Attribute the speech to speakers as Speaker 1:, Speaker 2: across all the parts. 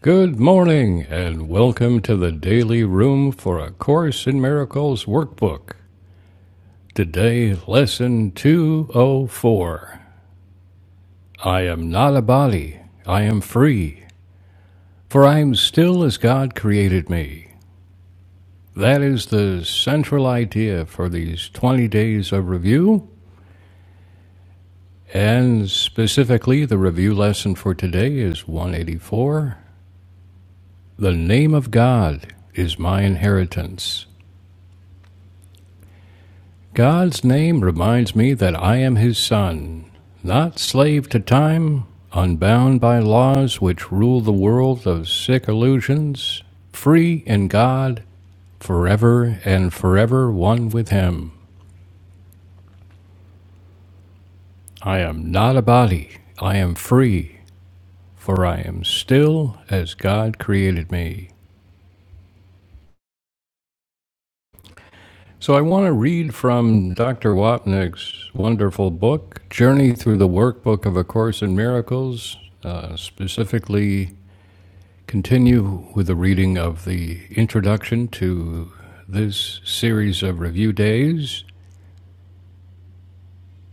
Speaker 1: Good morning, and welcome to the Daily Room for a Course in Miracles workbook. Today, Lesson 204 I am not a body, I am free, for I am still as God created me. That is the central idea for these 20 days of review, and specifically, the review lesson for today is 184 The Name of God is My Inheritance. God's name reminds me that I am his son, not slave to time, unbound by laws which rule the world of sick illusions, free in God, forever and forever one with him. I am not a body, I am free, for I am still as God created me. So I want to read from Dr. Wapnick's wonderful book, Journey Through the Workbook of A Course in Miracles, uh, specifically Continue with the reading of the introduction to this series of review days,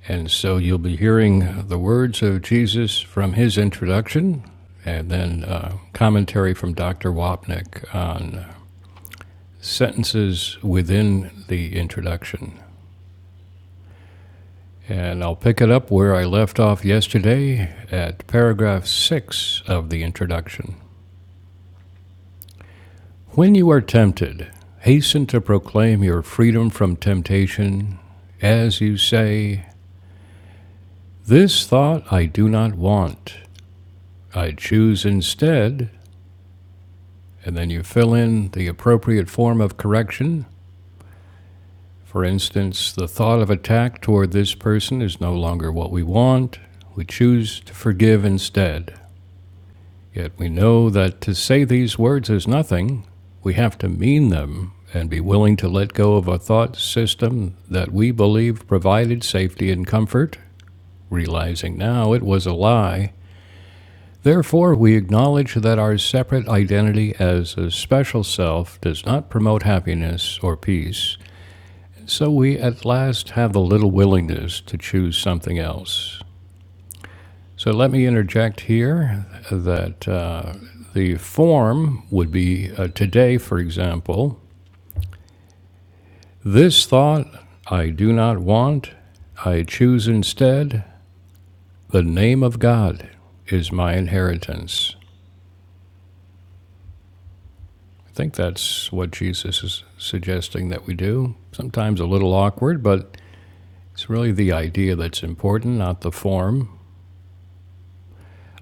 Speaker 1: and so you'll be hearing the words of Jesus from his introduction, and then uh, commentary from Dr. Wapnick on sentences within the introduction. And I'll pick it up where I left off yesterday at paragraph six of the introduction. When you are tempted, hasten to proclaim your freedom from temptation as you say, This thought I do not want. I choose instead, and then you fill in the appropriate form of correction. For instance, the thought of attack toward this person is no longer what we want. We choose to forgive instead. Yet we know that to say these words is nothing. We have to mean them and be willing to let go of a thought system that we believe provided safety and comfort, realizing now it was a lie. Therefore, we acknowledge that our separate identity as a special self does not promote happiness or peace, so we at last have the little willingness to choose something else. So let me interject here that uh, the form would be uh, today, for example, this thought I do not want, I choose instead the name of God is my inheritance. I think that's what Jesus is suggesting that we do. Sometimes a little awkward, but it's really the idea that's important, not the form.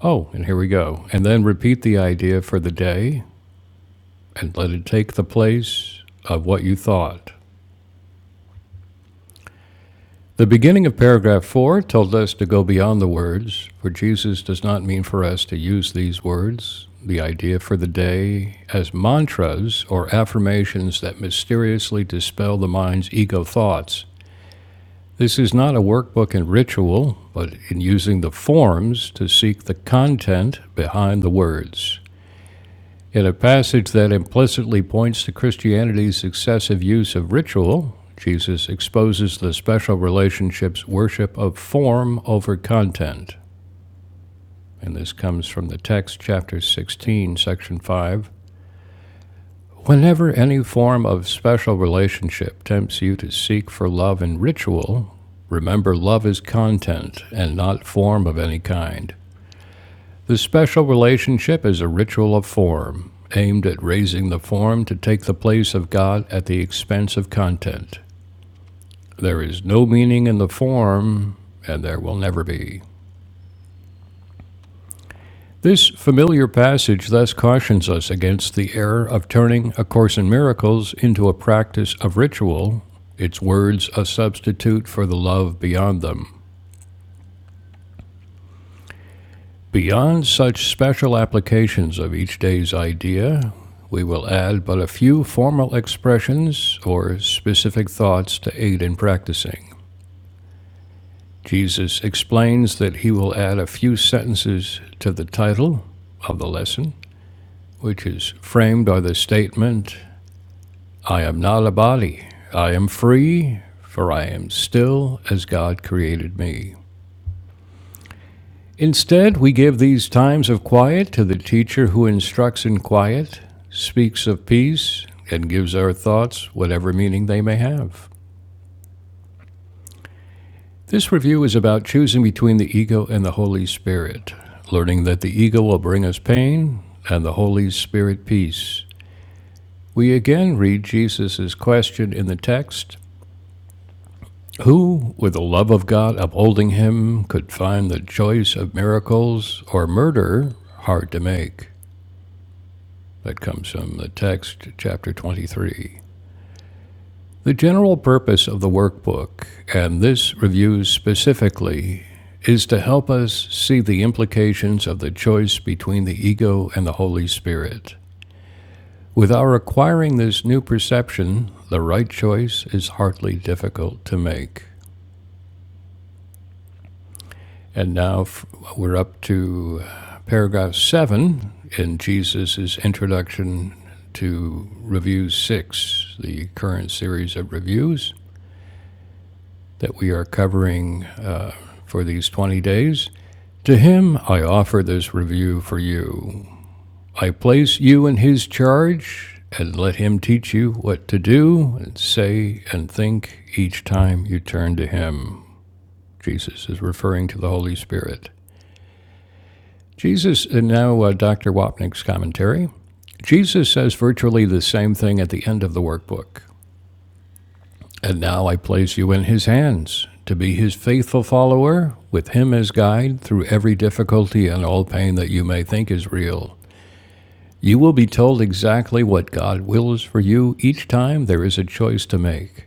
Speaker 1: Oh, and here we go. And then repeat the idea for the day and let it take the place of what you thought. The beginning of paragraph 4 told us to go beyond the words, for Jesus does not mean for us to use these words, the idea for the day, as mantras or affirmations that mysteriously dispel the mind's ego thoughts. This is not a workbook in ritual, but in using the forms to seek the content behind the words. In a passage that implicitly points to Christianity's excessive use of ritual, Jesus exposes the special relationship's worship of form over content. And this comes from the text, chapter 16, section 5. Whenever any form of special relationship tempts you to seek for love in ritual, remember love is content and not form of any kind. The special relationship is a ritual of form, aimed at raising the form to take the place of God at the expense of content. There is no meaning in the form, and there will never be. This familiar passage thus cautions us against the error of turning A Course in Miracles into a practice of ritual, its words a substitute for the love beyond them. Beyond such special applications of each day's idea, we will add but a few formal expressions or specific thoughts to aid in practicing. Jesus explains that he will add a few sentences to the title of the lesson, which is framed by the statement, I am not a body, I am free, for I am still as God created me. Instead, we give these times of quiet to the teacher who instructs in quiet, speaks of peace, and gives our thoughts whatever meaning they may have. This review is about choosing between the ego and the Holy Spirit, learning that the ego will bring us pain and the Holy Spirit peace. We again read Jesus' question in the text Who, with the love of God upholding him, could find the choice of miracles or murder hard to make? That comes from the text, chapter 23. The general purpose of the workbook, and this review specifically, is to help us see the implications of the choice between the ego and the Holy Spirit. With our acquiring this new perception, the right choice is hardly difficult to make. And now we're up to uh, paragraph seven in Jesus' introduction to Review Six, the current series of reviews that we are covering uh, for these 20 days. To him I offer this review for you. I place you in his charge and let him teach you what to do and say and think each time you turn to him. Jesus is referring to the Holy Spirit. Jesus, and now uh, Dr. Wapnick's commentary. Jesus says virtually the same thing at the end of the workbook. And now I place you in his hands to be his faithful follower, with him as guide through every difficulty and all pain that you may think is real. You will be told exactly what God wills for you each time there is a choice to make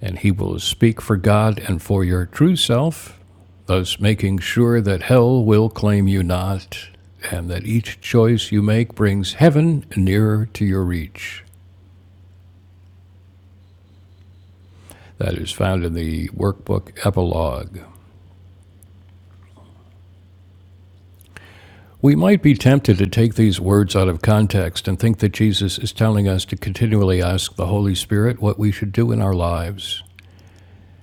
Speaker 1: and he will speak for God and for your true self, thus making sure that hell will claim you not, and that each choice you make brings heaven nearer to your reach. That is found in the workbook epilogue. We might be tempted to take these words out of context and think that Jesus is telling us to continually ask the Holy Spirit what we should do in our lives.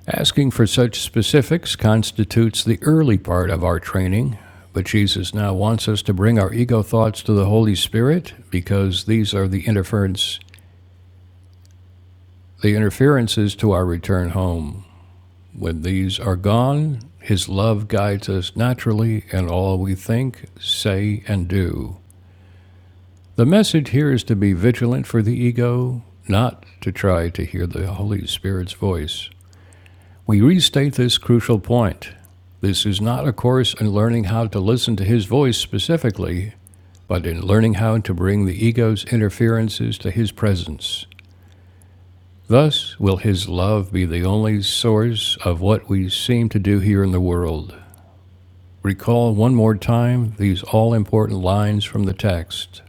Speaker 1: Asking for such specifics constitutes the early part of our training, but Jesus now wants us to bring our ego thoughts to the Holy Spirit because these are the interference the interferences to our return home. When these are gone, his love guides us naturally in all we think, say, and do. The message here is to be vigilant for the ego, not to try to hear the Holy Spirit's voice. We restate this crucial point. This is not a course in learning how to listen to his voice specifically, but in learning how to bring the ego's interferences to his presence. Thus will his love be the only source of what we seem to do here in the world. Recall one more time these all important lines from the text.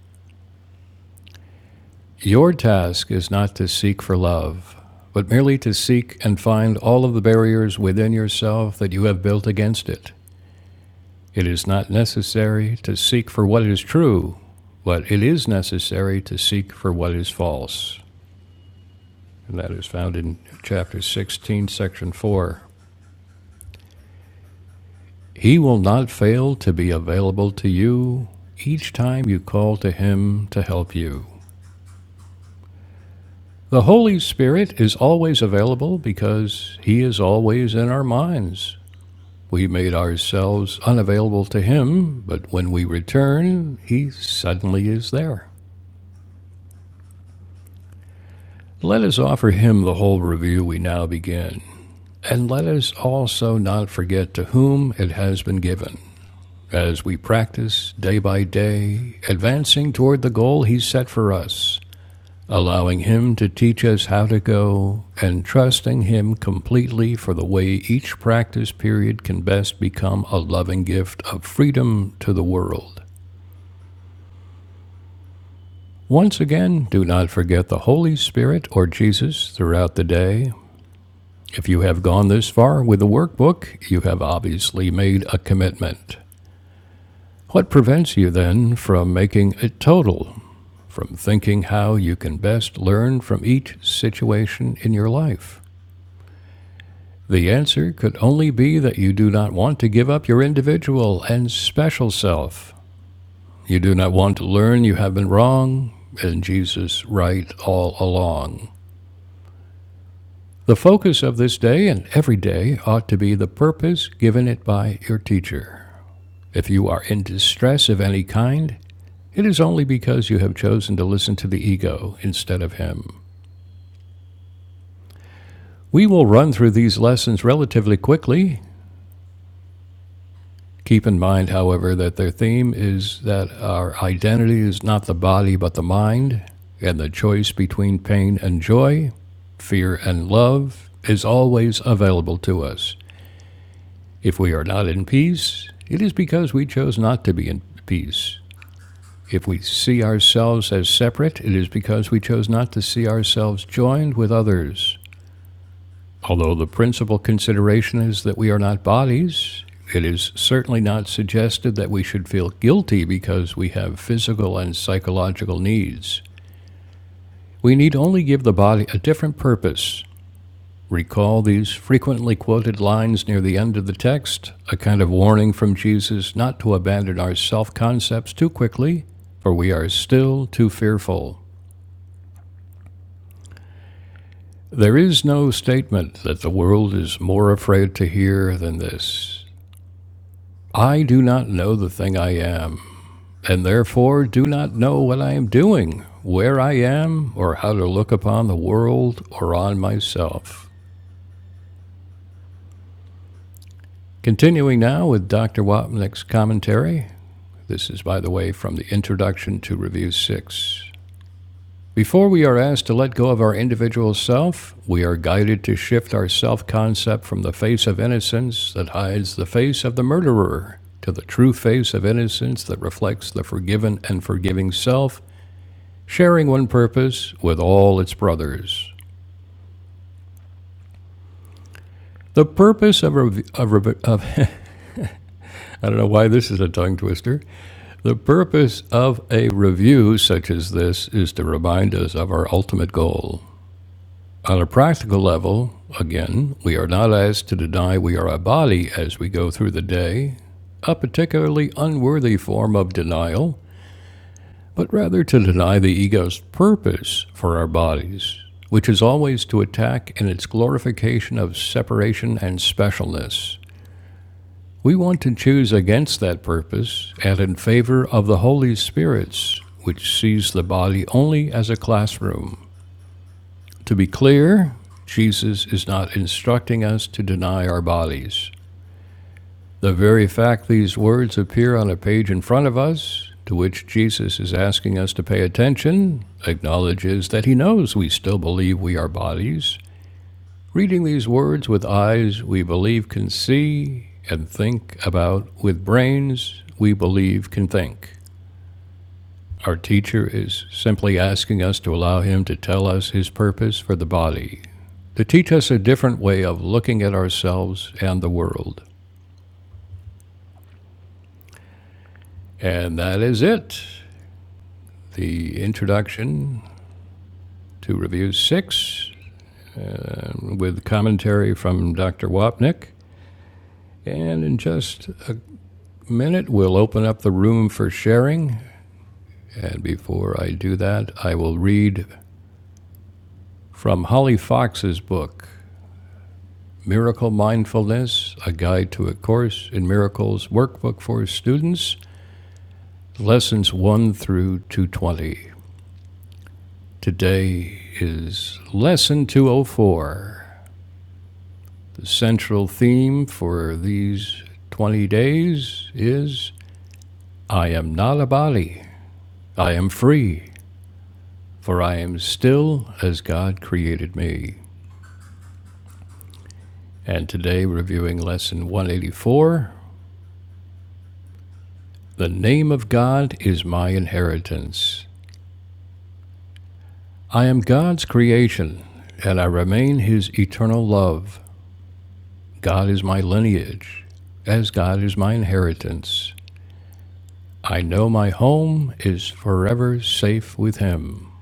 Speaker 1: Your task is not to seek for love, but merely to seek and find all of the barriers within yourself that you have built against it. It is not necessary to seek for what is true, but it is necessary to seek for what is false. And that is found in chapter 16, section 4. He will not fail to be available to you each time you call to Him to help you. The Holy Spirit is always available because He is always in our minds. We made ourselves unavailable to Him, but when we return, He suddenly is there. Let us offer him the whole review we now begin, and let us also not forget to whom it has been given, as we practice day by day, advancing toward the goal he set for us, allowing him to teach us how to go, and trusting him completely for the way each practice period can best become a loving gift of freedom to the world. Once again, do not forget the Holy Spirit or Jesus throughout the day If you have gone this far with the workbook, you have obviously made a commitment. What prevents you then from making a total, from thinking how you can best learn from each situation in your life? The answer could only be that you do not want to give up your individual and special self. You do not want to learn you have been wrong, and Jesus right all along. The focus of this day and every day ought to be the purpose given it by your teacher. If you are in distress of any kind, it is only because you have chosen to listen to the ego instead of him. We will run through these lessons relatively quickly. Keep in mind, however, that their theme is that our identity is not the body but the mind, and the choice between pain and joy, fear and love is always available to us. If we are not in peace, it is because we chose not to be in peace. If we see ourselves as separate, it is because we chose not to see ourselves joined with others. Although the principal consideration is that we are not bodies, it is certainly not suggested that we should feel guilty because we have physical and psychological needs. We need only give the body a different purpose. Recall these frequently quoted lines near the end of the text, a kind of warning from Jesus not to abandon our self concepts too quickly, for we are still too fearful. There is no statement that the world is more afraid to hear than this. I do not know the thing I am, and therefore do not know what I am doing, where I am, or how to look upon the world or on myself. Continuing now with Dr. Wapnick's commentary. This is, by the way, from the introduction to Review 6. Before we are asked to let go of our individual self, we are guided to shift our self concept from the face of innocence that hides the face of the murderer to the true face of innocence that reflects the forgiven and forgiving self, sharing one purpose with all its brothers. The purpose of, rev- of, rev- of I don't know why this is a tongue twister. The purpose of a review such as this is to remind us of our ultimate goal. On a practical level, again, we are not asked to deny we are a body as we go through the day, a particularly unworthy form of denial, but rather to deny the ego's purpose for our bodies, which is always to attack in its glorification of separation and specialness. We want to choose against that purpose and in favor of the Holy Spirit's, which sees the body only as a classroom. To be clear, Jesus is not instructing us to deny our bodies. The very fact these words appear on a page in front of us, to which Jesus is asking us to pay attention, acknowledges that he knows we still believe we are bodies. Reading these words with eyes we believe can see and think about, with brains we believe can think. Our teacher is simply asking us to allow him to tell us his purpose for the body. to teach us a different way of looking at ourselves and the world. And that is it. The introduction to Review 6 um, with commentary from Dr. Wapnick. And in just a minute, we'll open up the room for sharing. And before I do that, I will read from Holly Fox's book, Miracle Mindfulness A Guide to a Course in Miracles Workbook for Students, Lessons 1 through 220. Today is Lesson 204. The central theme for these 20 days is I am not a body, I am free, for I am still as God created me. And today, reviewing Lesson 184 The name of God is my inheritance. I am God's creation, and I remain His eternal love. God is my lineage, as God is my inheritance. I know my home is forever safe with him.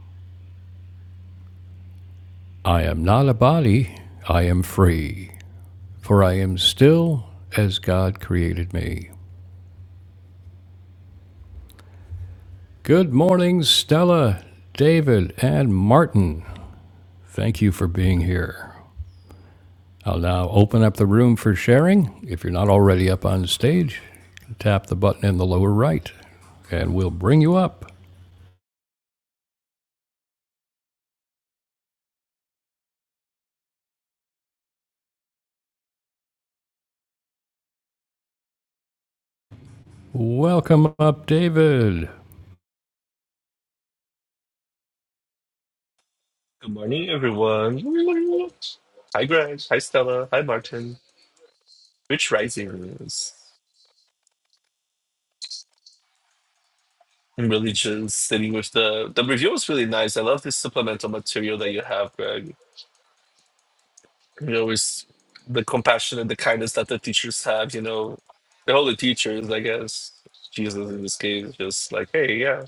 Speaker 1: I am not a body, I am free, for I am still as God created me. Good morning, Stella, David, and Martin. Thank you for being here. I'll now open up the room for sharing. If you're not already up on stage, tap the button in the lower right and we'll bring you up. Welcome up, David.
Speaker 2: Good morning, everyone. Hi, Greg. Hi, Stella. Hi, Martin. Rich Risings. I'm really just sitting with the the review was really nice. I love this supplemental material that you have, Greg. You know, it's the compassion and the kindness that the teachers have. You know, they're all the teachers, I guess. Jesus, in this case, just like, hey, yeah,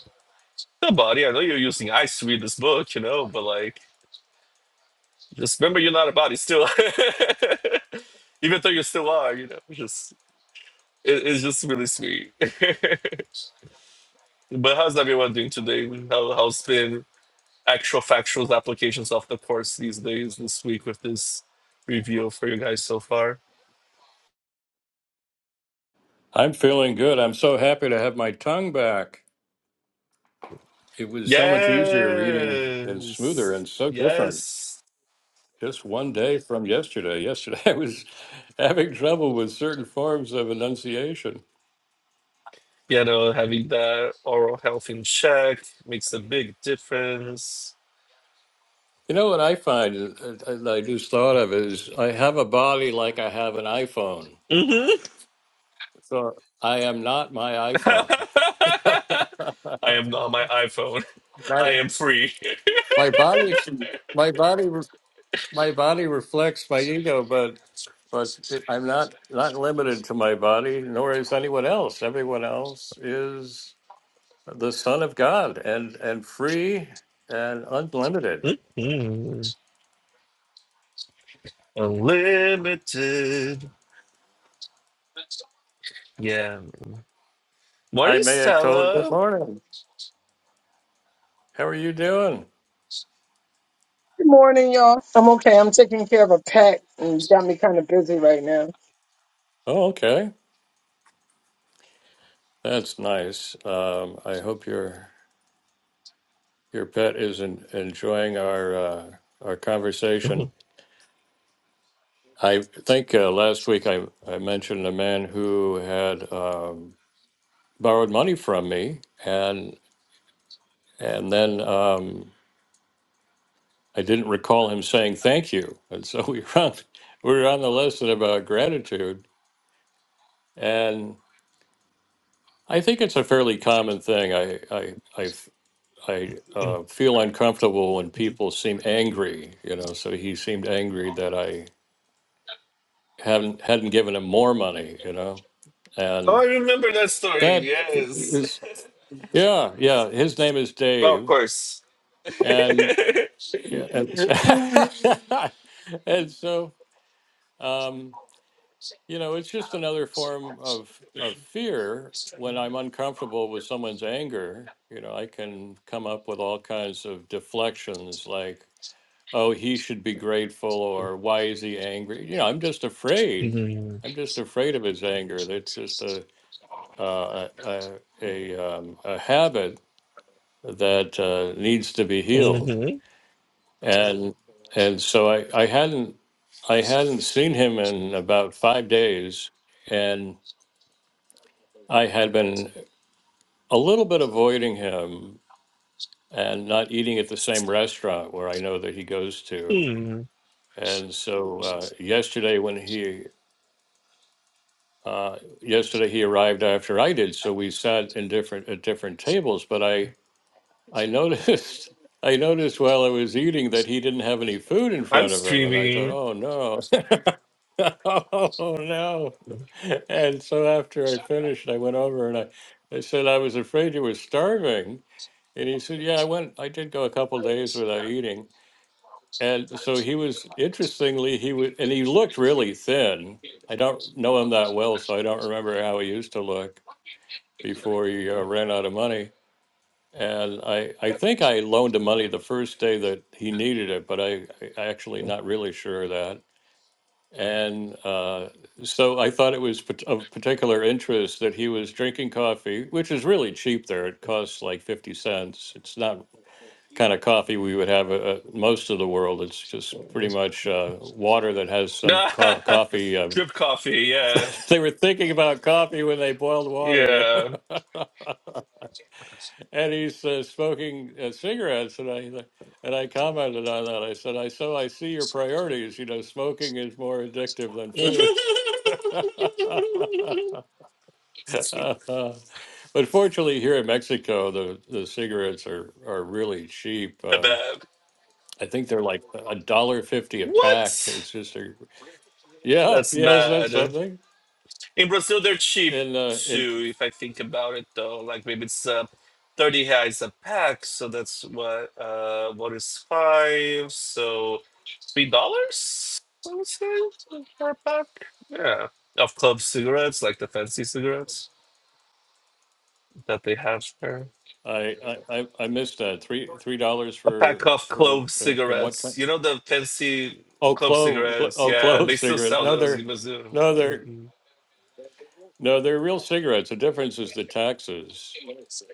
Speaker 2: the body. I know you're using ice to read this book, you know, but like, just remember, you're not a body still. Even though you still are, you know, just It, it's just really sweet. but how's everyone doing today? How, how's been actual factual applications of the course these days this week with this review for you guys so far?
Speaker 1: I'm feeling good. I'm so happy to have my tongue back. It was so much easier reading and smoother
Speaker 2: Yes,
Speaker 1: and so different.
Speaker 2: yes.
Speaker 1: Just one day from yesterday. Yesterday, I was having trouble with certain forms of enunciation.
Speaker 2: You know, having that oral health in check makes a big difference.
Speaker 1: You know what I find, uh, uh, and I just thought of, is I have a body like I have an iPhone.
Speaker 2: hmm
Speaker 1: So I am not my iPhone.
Speaker 2: I am not my iPhone. I
Speaker 1: my,
Speaker 2: am free.
Speaker 1: my body, my body. my body reflects my ego, but but I'm not not limited to my body, nor is anyone else. Everyone else is the Son of God and and free and unlimited.
Speaker 2: Mm, Unlimited. Yeah.
Speaker 1: I
Speaker 2: Morning,
Speaker 1: may have told. Good
Speaker 2: Stella.
Speaker 1: morning. How are you doing?
Speaker 3: Good morning, y'all. I'm okay. I'm taking care of a pet and it's got me kind of busy right now.
Speaker 1: Oh, okay. That's nice. Um, I hope your your pet is en- enjoying our uh, our
Speaker 2: oh,
Speaker 1: conversation. I think uh, last week I, I mentioned a man who had. um, borrowed money from me and and then um, I didn't recall him saying thank you. And so we were on, we were on the lesson about gratitude. And I think it's a fairly common thing. I, I, I, f- I, uh, feel uncomfortable when people seem angry, you know, so he seemed angry that I hadn't, hadn't given him more money, you know,
Speaker 2: I
Speaker 1: and
Speaker 2: remember that story.
Speaker 1: that
Speaker 2: Yes.
Speaker 1: is, yeah, yeah. His name is
Speaker 2: of
Speaker 1: Dave.
Speaker 2: course. Mhm.
Speaker 1: Yeah. And so, and so um, you know, it's just another form of of fear. When I'm uncomfortable with someone's anger, you know, I can come up with all kinds of deflections like, oh, he should be grateful or why is he angry? You know, I'm just afraid. I'm just afraid of his anger. That's just a uh, a a, a, um, a habit that uh, needs to be healed.
Speaker 2: Mhm.
Speaker 1: and and so I, I hadn't I hadn't seen him in about five days, and I had been a little bit avoiding him and not eating at the same restaurant where I know that he goes to.
Speaker 2: Mhm.
Speaker 1: And so uh, yesterday, when he uh, yesterday he arrived after I did, so we sat in different at different tables. But I I noticed I noticed while I was eating that he didn't have any food in
Speaker 2: I'm
Speaker 1: front of him, and I thought,
Speaker 2: streaming.
Speaker 1: "Oh no, oh no!" And so after I finished, I went over and I, I said I was afraid you were starving, and he said, "Yeah, I went. I did go a couple days without eating." And so he was interestingly he was, and he looked really thin. I don't know him that well, so I don't remember how he used to look before he uh, ran out of money and I, I think I loaned him money the first day that he needed it, but I, I actually not really sure of that. And uh, so I thought it was pat- of particular interest that he was drinking coffee, which is really cheap there. It costs like 50 cents. It's not kind of coffee we would have uh, uh, most of the world. It's just pretty much uh, water that has some co- coffee. Uh,
Speaker 2: Drip coffee. Yeah.
Speaker 1: they were thinking about coffee when they boiled water, you
Speaker 2: Yeah.
Speaker 1: know. and he's uh, smoking uh, cigarettes. And I he's like- and I commented on that. I said, "I so I see your priorities. You know, smoking is more addictive than food." but fortunately, here in Mexico, the, the cigarettes are, are really cheap.
Speaker 2: I
Speaker 1: Um,
Speaker 2: bet.
Speaker 1: I think they're like a dollar fifty a pack.
Speaker 2: What?
Speaker 1: It's just a yeah,
Speaker 2: That's
Speaker 1: yeah. Is that
Speaker 2: mad.
Speaker 1: something?
Speaker 2: In Brazil, they're cheap
Speaker 1: And uh, in
Speaker 2: too. If I think about it, though, like maybe it's uh, thirty reais a pack, so that's what uh, what is five? So three dollars, I would say, for a pack. Yeah, of clove cigarettes, like the fancy cigarettes that they have there.
Speaker 1: I, I I I missed that three three dollars
Speaker 2: A pack
Speaker 1: for
Speaker 2: of
Speaker 1: for
Speaker 2: clove
Speaker 1: in, in what
Speaker 2: cigarettes.
Speaker 1: country?
Speaker 2: You know the fancy
Speaker 1: Oh,
Speaker 2: clove
Speaker 1: clove,
Speaker 2: cigarettes.
Speaker 1: oh,
Speaker 2: Yeah,
Speaker 1: clove
Speaker 2: they still
Speaker 1: cigarettes.
Speaker 2: sell
Speaker 1: No,
Speaker 2: those
Speaker 1: they're
Speaker 2: in Brazil.
Speaker 1: no, they're
Speaker 2: hmm
Speaker 1: no, they're real cigarettes. The difference is the taxes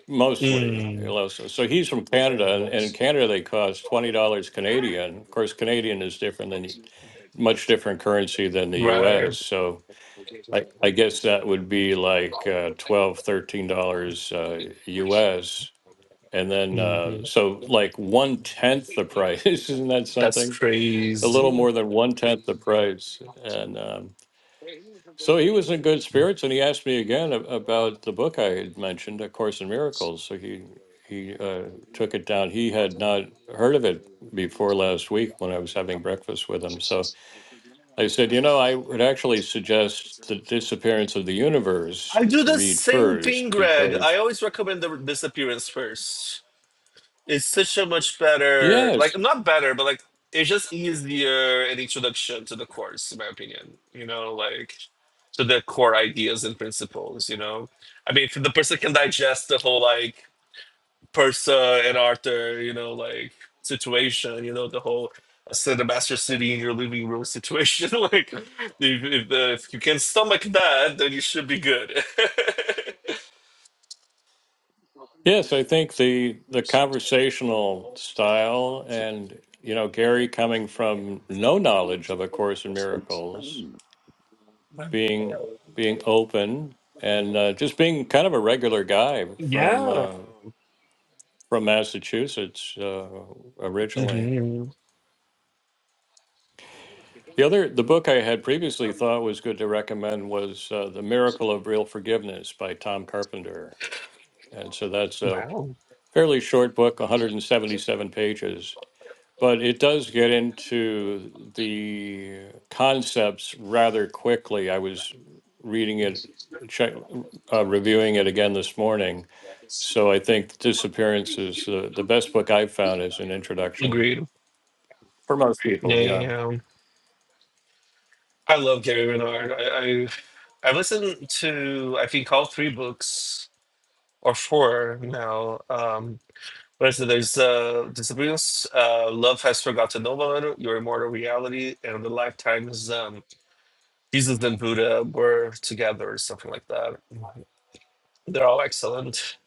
Speaker 1: mostly.
Speaker 2: Mm,
Speaker 1: unless- So so he's from Canada, and, and in Canada they cost twenty dollars Canadian. Of course, Canadian is different than much different currency than the
Speaker 2: right.
Speaker 1: U.S. So I, I guess that would be like uh, twelve, thirteen dollars uh, U.S. And then uh,
Speaker 2: hmm
Speaker 1: so like one tenth the price. Isn't that
Speaker 2: That's
Speaker 1: something? A little
Speaker 2: crazy.
Speaker 1: more than one tenth the price, and. Um, So he was in good spirits, and he asked me again ab- about the book I had mentioned, A Course in Miracles. So he he uh, took it down. He had not heard of it before last week when I was having breakfast with him. So I said, you know, I would actually suggest The Disappearance of the Universe
Speaker 2: I do
Speaker 1: to
Speaker 2: the
Speaker 1: read
Speaker 2: same thing,
Speaker 1: first
Speaker 2: Greg. I
Speaker 1: because
Speaker 2: always recommend the disappearance first. It's such a much better, like
Speaker 1: yes,
Speaker 2: not better, but like it's just easier an introduction to the course, in my opinion. You know, like to the core ideas and principles. You know, I mean, if the person can digest the whole like Persa and Arthur, you know, like situation. You know, the whole so the master city in your living room situation. like, if if, the, if you can stomach that, then you should be good.
Speaker 1: yes, I think the the conversational style and you know Gary coming from no knowledge of A Course in Miracles
Speaker 2: Wow.
Speaker 1: being being open and uh, just being kind of a regular guy from
Speaker 2: Yeah.
Speaker 1: uh, from Massachusetts uh, originally.
Speaker 2: hmm
Speaker 1: The other the book I had previously thought was good to recommend was uh, The Miracle of Real Forgiveness by Tom Carpenter, and so that's a
Speaker 2: Wow.
Speaker 1: fairly short book, 177 pages. But it does get into the concepts rather quickly. I was reading it, check, uh, reviewing it again this morning, So I think Disappearance is uh, the best book I've found is an introduction
Speaker 2: Agreed.
Speaker 1: for most
Speaker 2: Yeah,
Speaker 1: people. Yeah.
Speaker 2: yeah, yeah. I love Gary Renard. I, I I've listened to I think all three books or four now. Um what is it? There's uh Disappearance, uh Love Has Forgotten No One, Your Immortal Reality, and the Lifetimes um Jesus and Buddha were together or something like that. They're all excellent.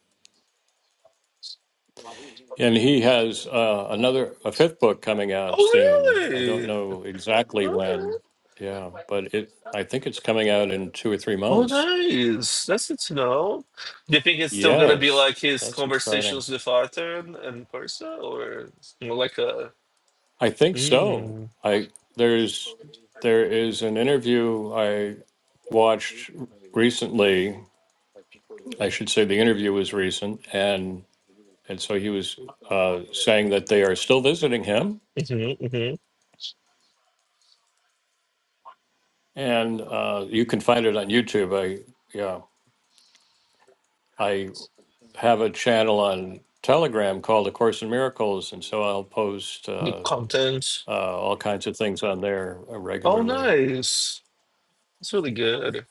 Speaker 1: And he has uh, another, a fifth book coming out
Speaker 2: Oh
Speaker 1: soon. I don't
Speaker 2: really?
Speaker 1: know exactly
Speaker 2: Okay.
Speaker 1: when. Yeah. But it, I think it's coming out in two or three
Speaker 2: Oh,
Speaker 1: months.
Speaker 2: nice. That's good to know. Do you think it's still gonna be like
Speaker 1: Yes.
Speaker 2: his
Speaker 1: That's exciting.
Speaker 2: conversations with Arthur and, and Persa, or it's more like a
Speaker 1: I think so.
Speaker 2: mm,
Speaker 1: I, there's, there is an interview I watched recently. I
Speaker 2: hmm
Speaker 1: should say the interview was recent. and. And so he was uh, saying that they are still visiting him,
Speaker 2: hmm
Speaker 1: and uh, you can find it on YouTube. I yeah, I have a channel on Telegram called A Course in Miracles, and so I'll post
Speaker 2: the
Speaker 1: uh,
Speaker 2: content?
Speaker 1: uh, all kinds of things on there uh,
Speaker 2: Oh,
Speaker 1: regularly.
Speaker 2: nice. That's really good.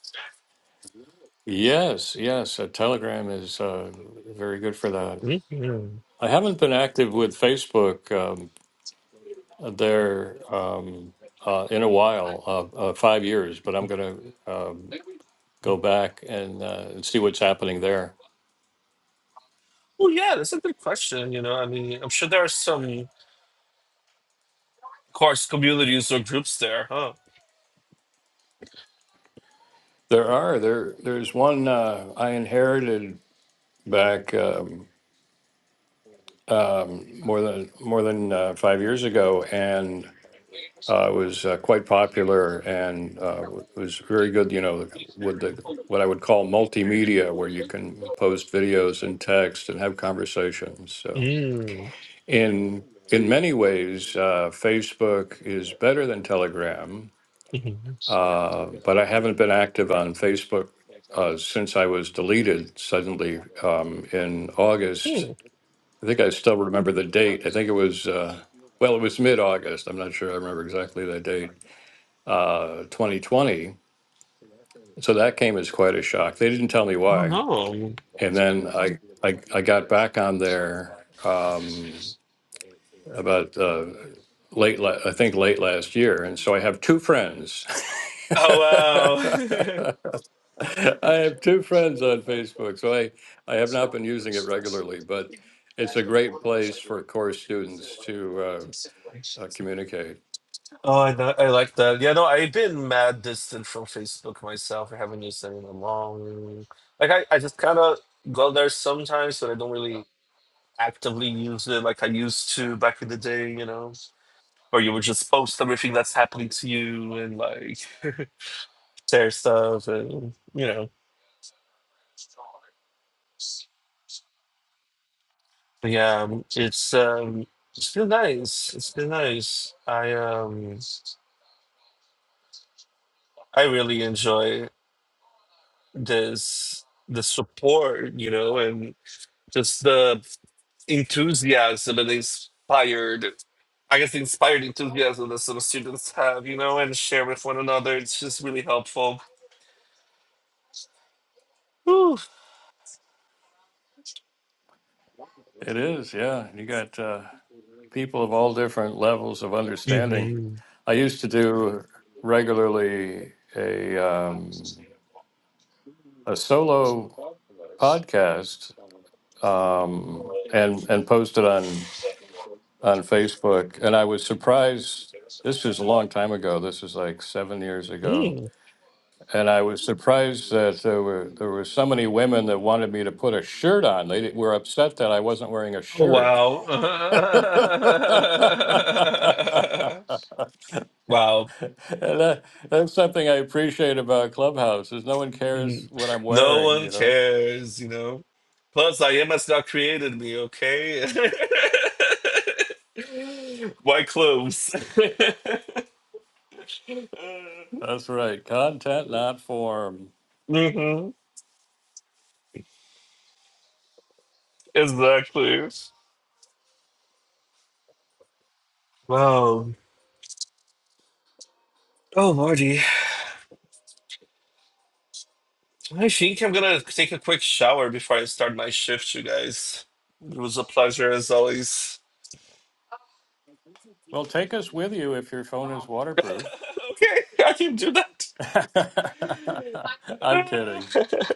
Speaker 1: Yes, yes, uh, Telegram is uh, very good for that.
Speaker 2: hmm
Speaker 1: I haven't been active with Facebook um, there um, uh, in a while, uh, uh, five years, but I'm going to. um, go back and, uh, and see what's happening there.
Speaker 2: Oh, yeah, that's a good question. You know, I mean, I'm sure there are some course communities or groups there, huh?
Speaker 1: There are there. There's one uh, I inherited back um, um, more than more than uh, five years ago, and uh, was uh, quite popular and uh, was very good. You know, with the what I would call multimedia, where you can post videos and text and have conversations. So
Speaker 2: Mm.
Speaker 1: in in many ways, uh, Facebook is better than Telegram
Speaker 2: Mm-hmm.
Speaker 1: Uh, but I haven't been active on Facebook uh, since I was deleted suddenly um, in August.
Speaker 2: Hmm.
Speaker 1: I think I still remember the date. I think it was, uh, well, it was mid August. I'm not sure I remember exactly the date, uh, 2020. So that came as quite a shock. They didn't tell me
Speaker 2: I don't
Speaker 1: why.
Speaker 2: know.
Speaker 1: And then I, I, I got back on there um, about uh, late, la- I think late last year. And so I have two friends.
Speaker 2: Oh wow.
Speaker 1: I have two friends on Facebook, so I, I have not been using it regularly, but it's a great place for core students to uh, uh, communicate.
Speaker 2: oh, I know, I like that. Yeah, no, I've been mad distant from Facebook myself. I haven't used it in a long. Like I, I just kind of go there sometimes, but I don't really actively use it like I used to back in the day. You know, where you would just post everything that's happening to you and like share stuff and you know. But yeah, um, it's um, it's been nice. It's been nice. I um, I really enjoy. this the support, you know, and just the enthusiasm and inspired I guess the inspired enthusiasm that some students have, you know, and share with one another. It's just really helpful. Whew.
Speaker 1: It is, yeah. You got uh, people of all different levels of understanding.
Speaker 2: Mhm.
Speaker 1: I used to do regularly a um, a solo podcast um, and and post it on on Facebook, and I was surprised. This was a long time ago. This was like seven years ago
Speaker 2: Mm.
Speaker 1: And I was surprised that there were there were so many women that wanted me to put a shirt on. They were upset that I wasn't wearing a
Speaker 2: Oh
Speaker 1: shirt.
Speaker 2: wow.
Speaker 1: and
Speaker 2: wow.
Speaker 1: that, that's something I appreciate about Clubhouse is no one cares
Speaker 2: Mm.
Speaker 1: what I'm
Speaker 2: No
Speaker 1: wearing.
Speaker 2: one
Speaker 1: You know,
Speaker 2: cares, you know. Plus, I IMS God created me, okay? Why clothes?
Speaker 1: that's right. Content, not form.
Speaker 2: hmm Exactly. Wow. Oh, Lordy. I think I'm gonna take a quick shower before I start my shift, you guys. It was a pleasure as always.
Speaker 1: Well, take us with you if your phone is waterproof.
Speaker 2: okay, I can do that.
Speaker 1: I'm kidding.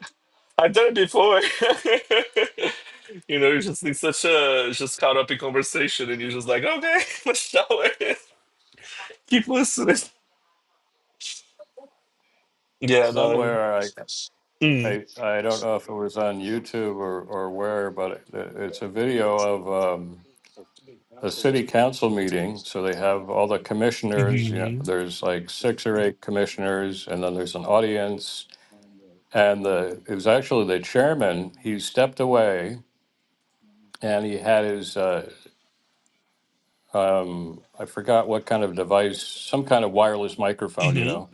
Speaker 2: I've done it before. you know, you're just in such a just caught up in conversation, and you're just like, okay, let's shower. Keep listening. Yeah, no.
Speaker 1: Somewhere I.
Speaker 2: Mm.
Speaker 1: I I don't know if it was on YouTube or or where, but it, it's a video of um, a city council meeting. So they have all the commissioners. You know,
Speaker 2: hmm
Speaker 1: there's like six or eight commissioners, and then there's an audience. And the it was actually the chairman. He stepped away, and he had his uh, um, I forgot what kind of device, some kind of wireless microphone, you
Speaker 2: hmm
Speaker 1: know.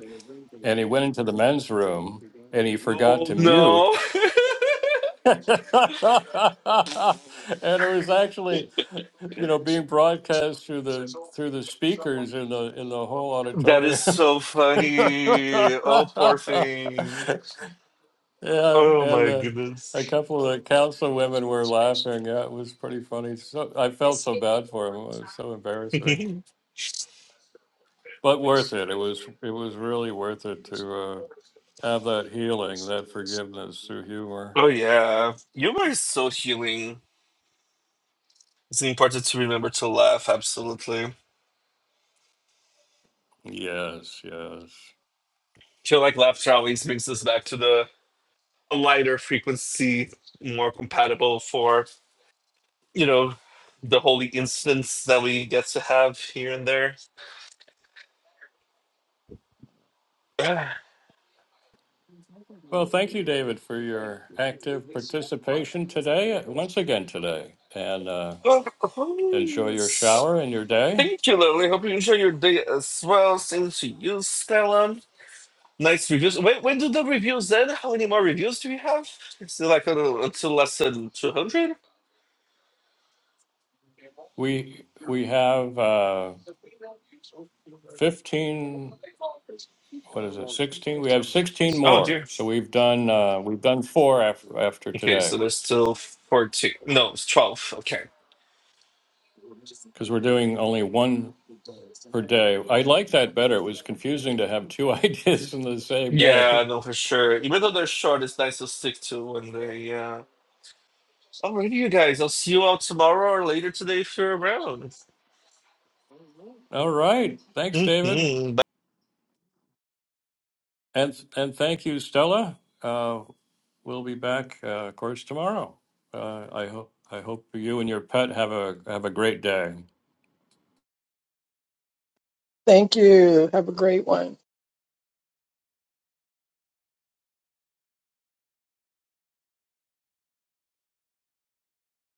Speaker 1: And he went into the men's room, and he forgot
Speaker 2: Oh
Speaker 1: to mute
Speaker 2: no,
Speaker 1: and it was actually you know being broadcast through the through the speakers in the in the whole
Speaker 2: that is
Speaker 1: auditorium
Speaker 2: so
Speaker 1: yeah
Speaker 2: funny. Oh, poor thing. Oh
Speaker 1: and
Speaker 2: my
Speaker 1: the,
Speaker 2: goodness.
Speaker 1: a couple of the council women were laughing yeah it was pretty funny so i felt so bad for him it was so embarrassing but worth it it was it was really worth it to uh, have that healing that forgiveness through humor
Speaker 2: oh yeah, humor is so healing. It's important to remember to laugh. Absolutely.
Speaker 1: yes yes
Speaker 2: feel like laughter always brings us back to the lighter frequency, more compatible for, you know, the holy instance that we get to have here and there. Ah.
Speaker 1: Well, thank you, David, for your active participation today, once again today, and uh,
Speaker 2: Well,
Speaker 1: enjoy
Speaker 2: oh,
Speaker 1: your shower and your day.
Speaker 2: Thank you, Lily. Hope you enjoy your day as well. Same to you, Stella. Nice reviews. When, when do the reviews end? How many more reviews do we have? Is it like a little- until less than 200?
Speaker 1: We we have uh, fifteen. What is it? Sixteen. We have sixteen
Speaker 2: Oh,
Speaker 1: more.
Speaker 2: dear.
Speaker 1: So we've done uh, we've done four after after
Speaker 2: Okay, so
Speaker 1: today
Speaker 2: there's still 14. No, it's 12. Okay.
Speaker 1: because we're doing only one per day. I like that better. It was confusing to have two ideas in the same
Speaker 2: Yeah,
Speaker 1: day.
Speaker 2: no, for sure. Even though they're short, it's nice to stick to when they. Yeah, Alrighty, you guys. I'll see you all tomorrow or later today if you're around.
Speaker 1: All right. Thanks, David.
Speaker 2: hmm
Speaker 1: And and thank you, Stella. Uh, we'll be back, uh, of course, tomorrow. Uh, I hope I hope you and your pet have a have a great day.
Speaker 3: Thank you. Have a great one.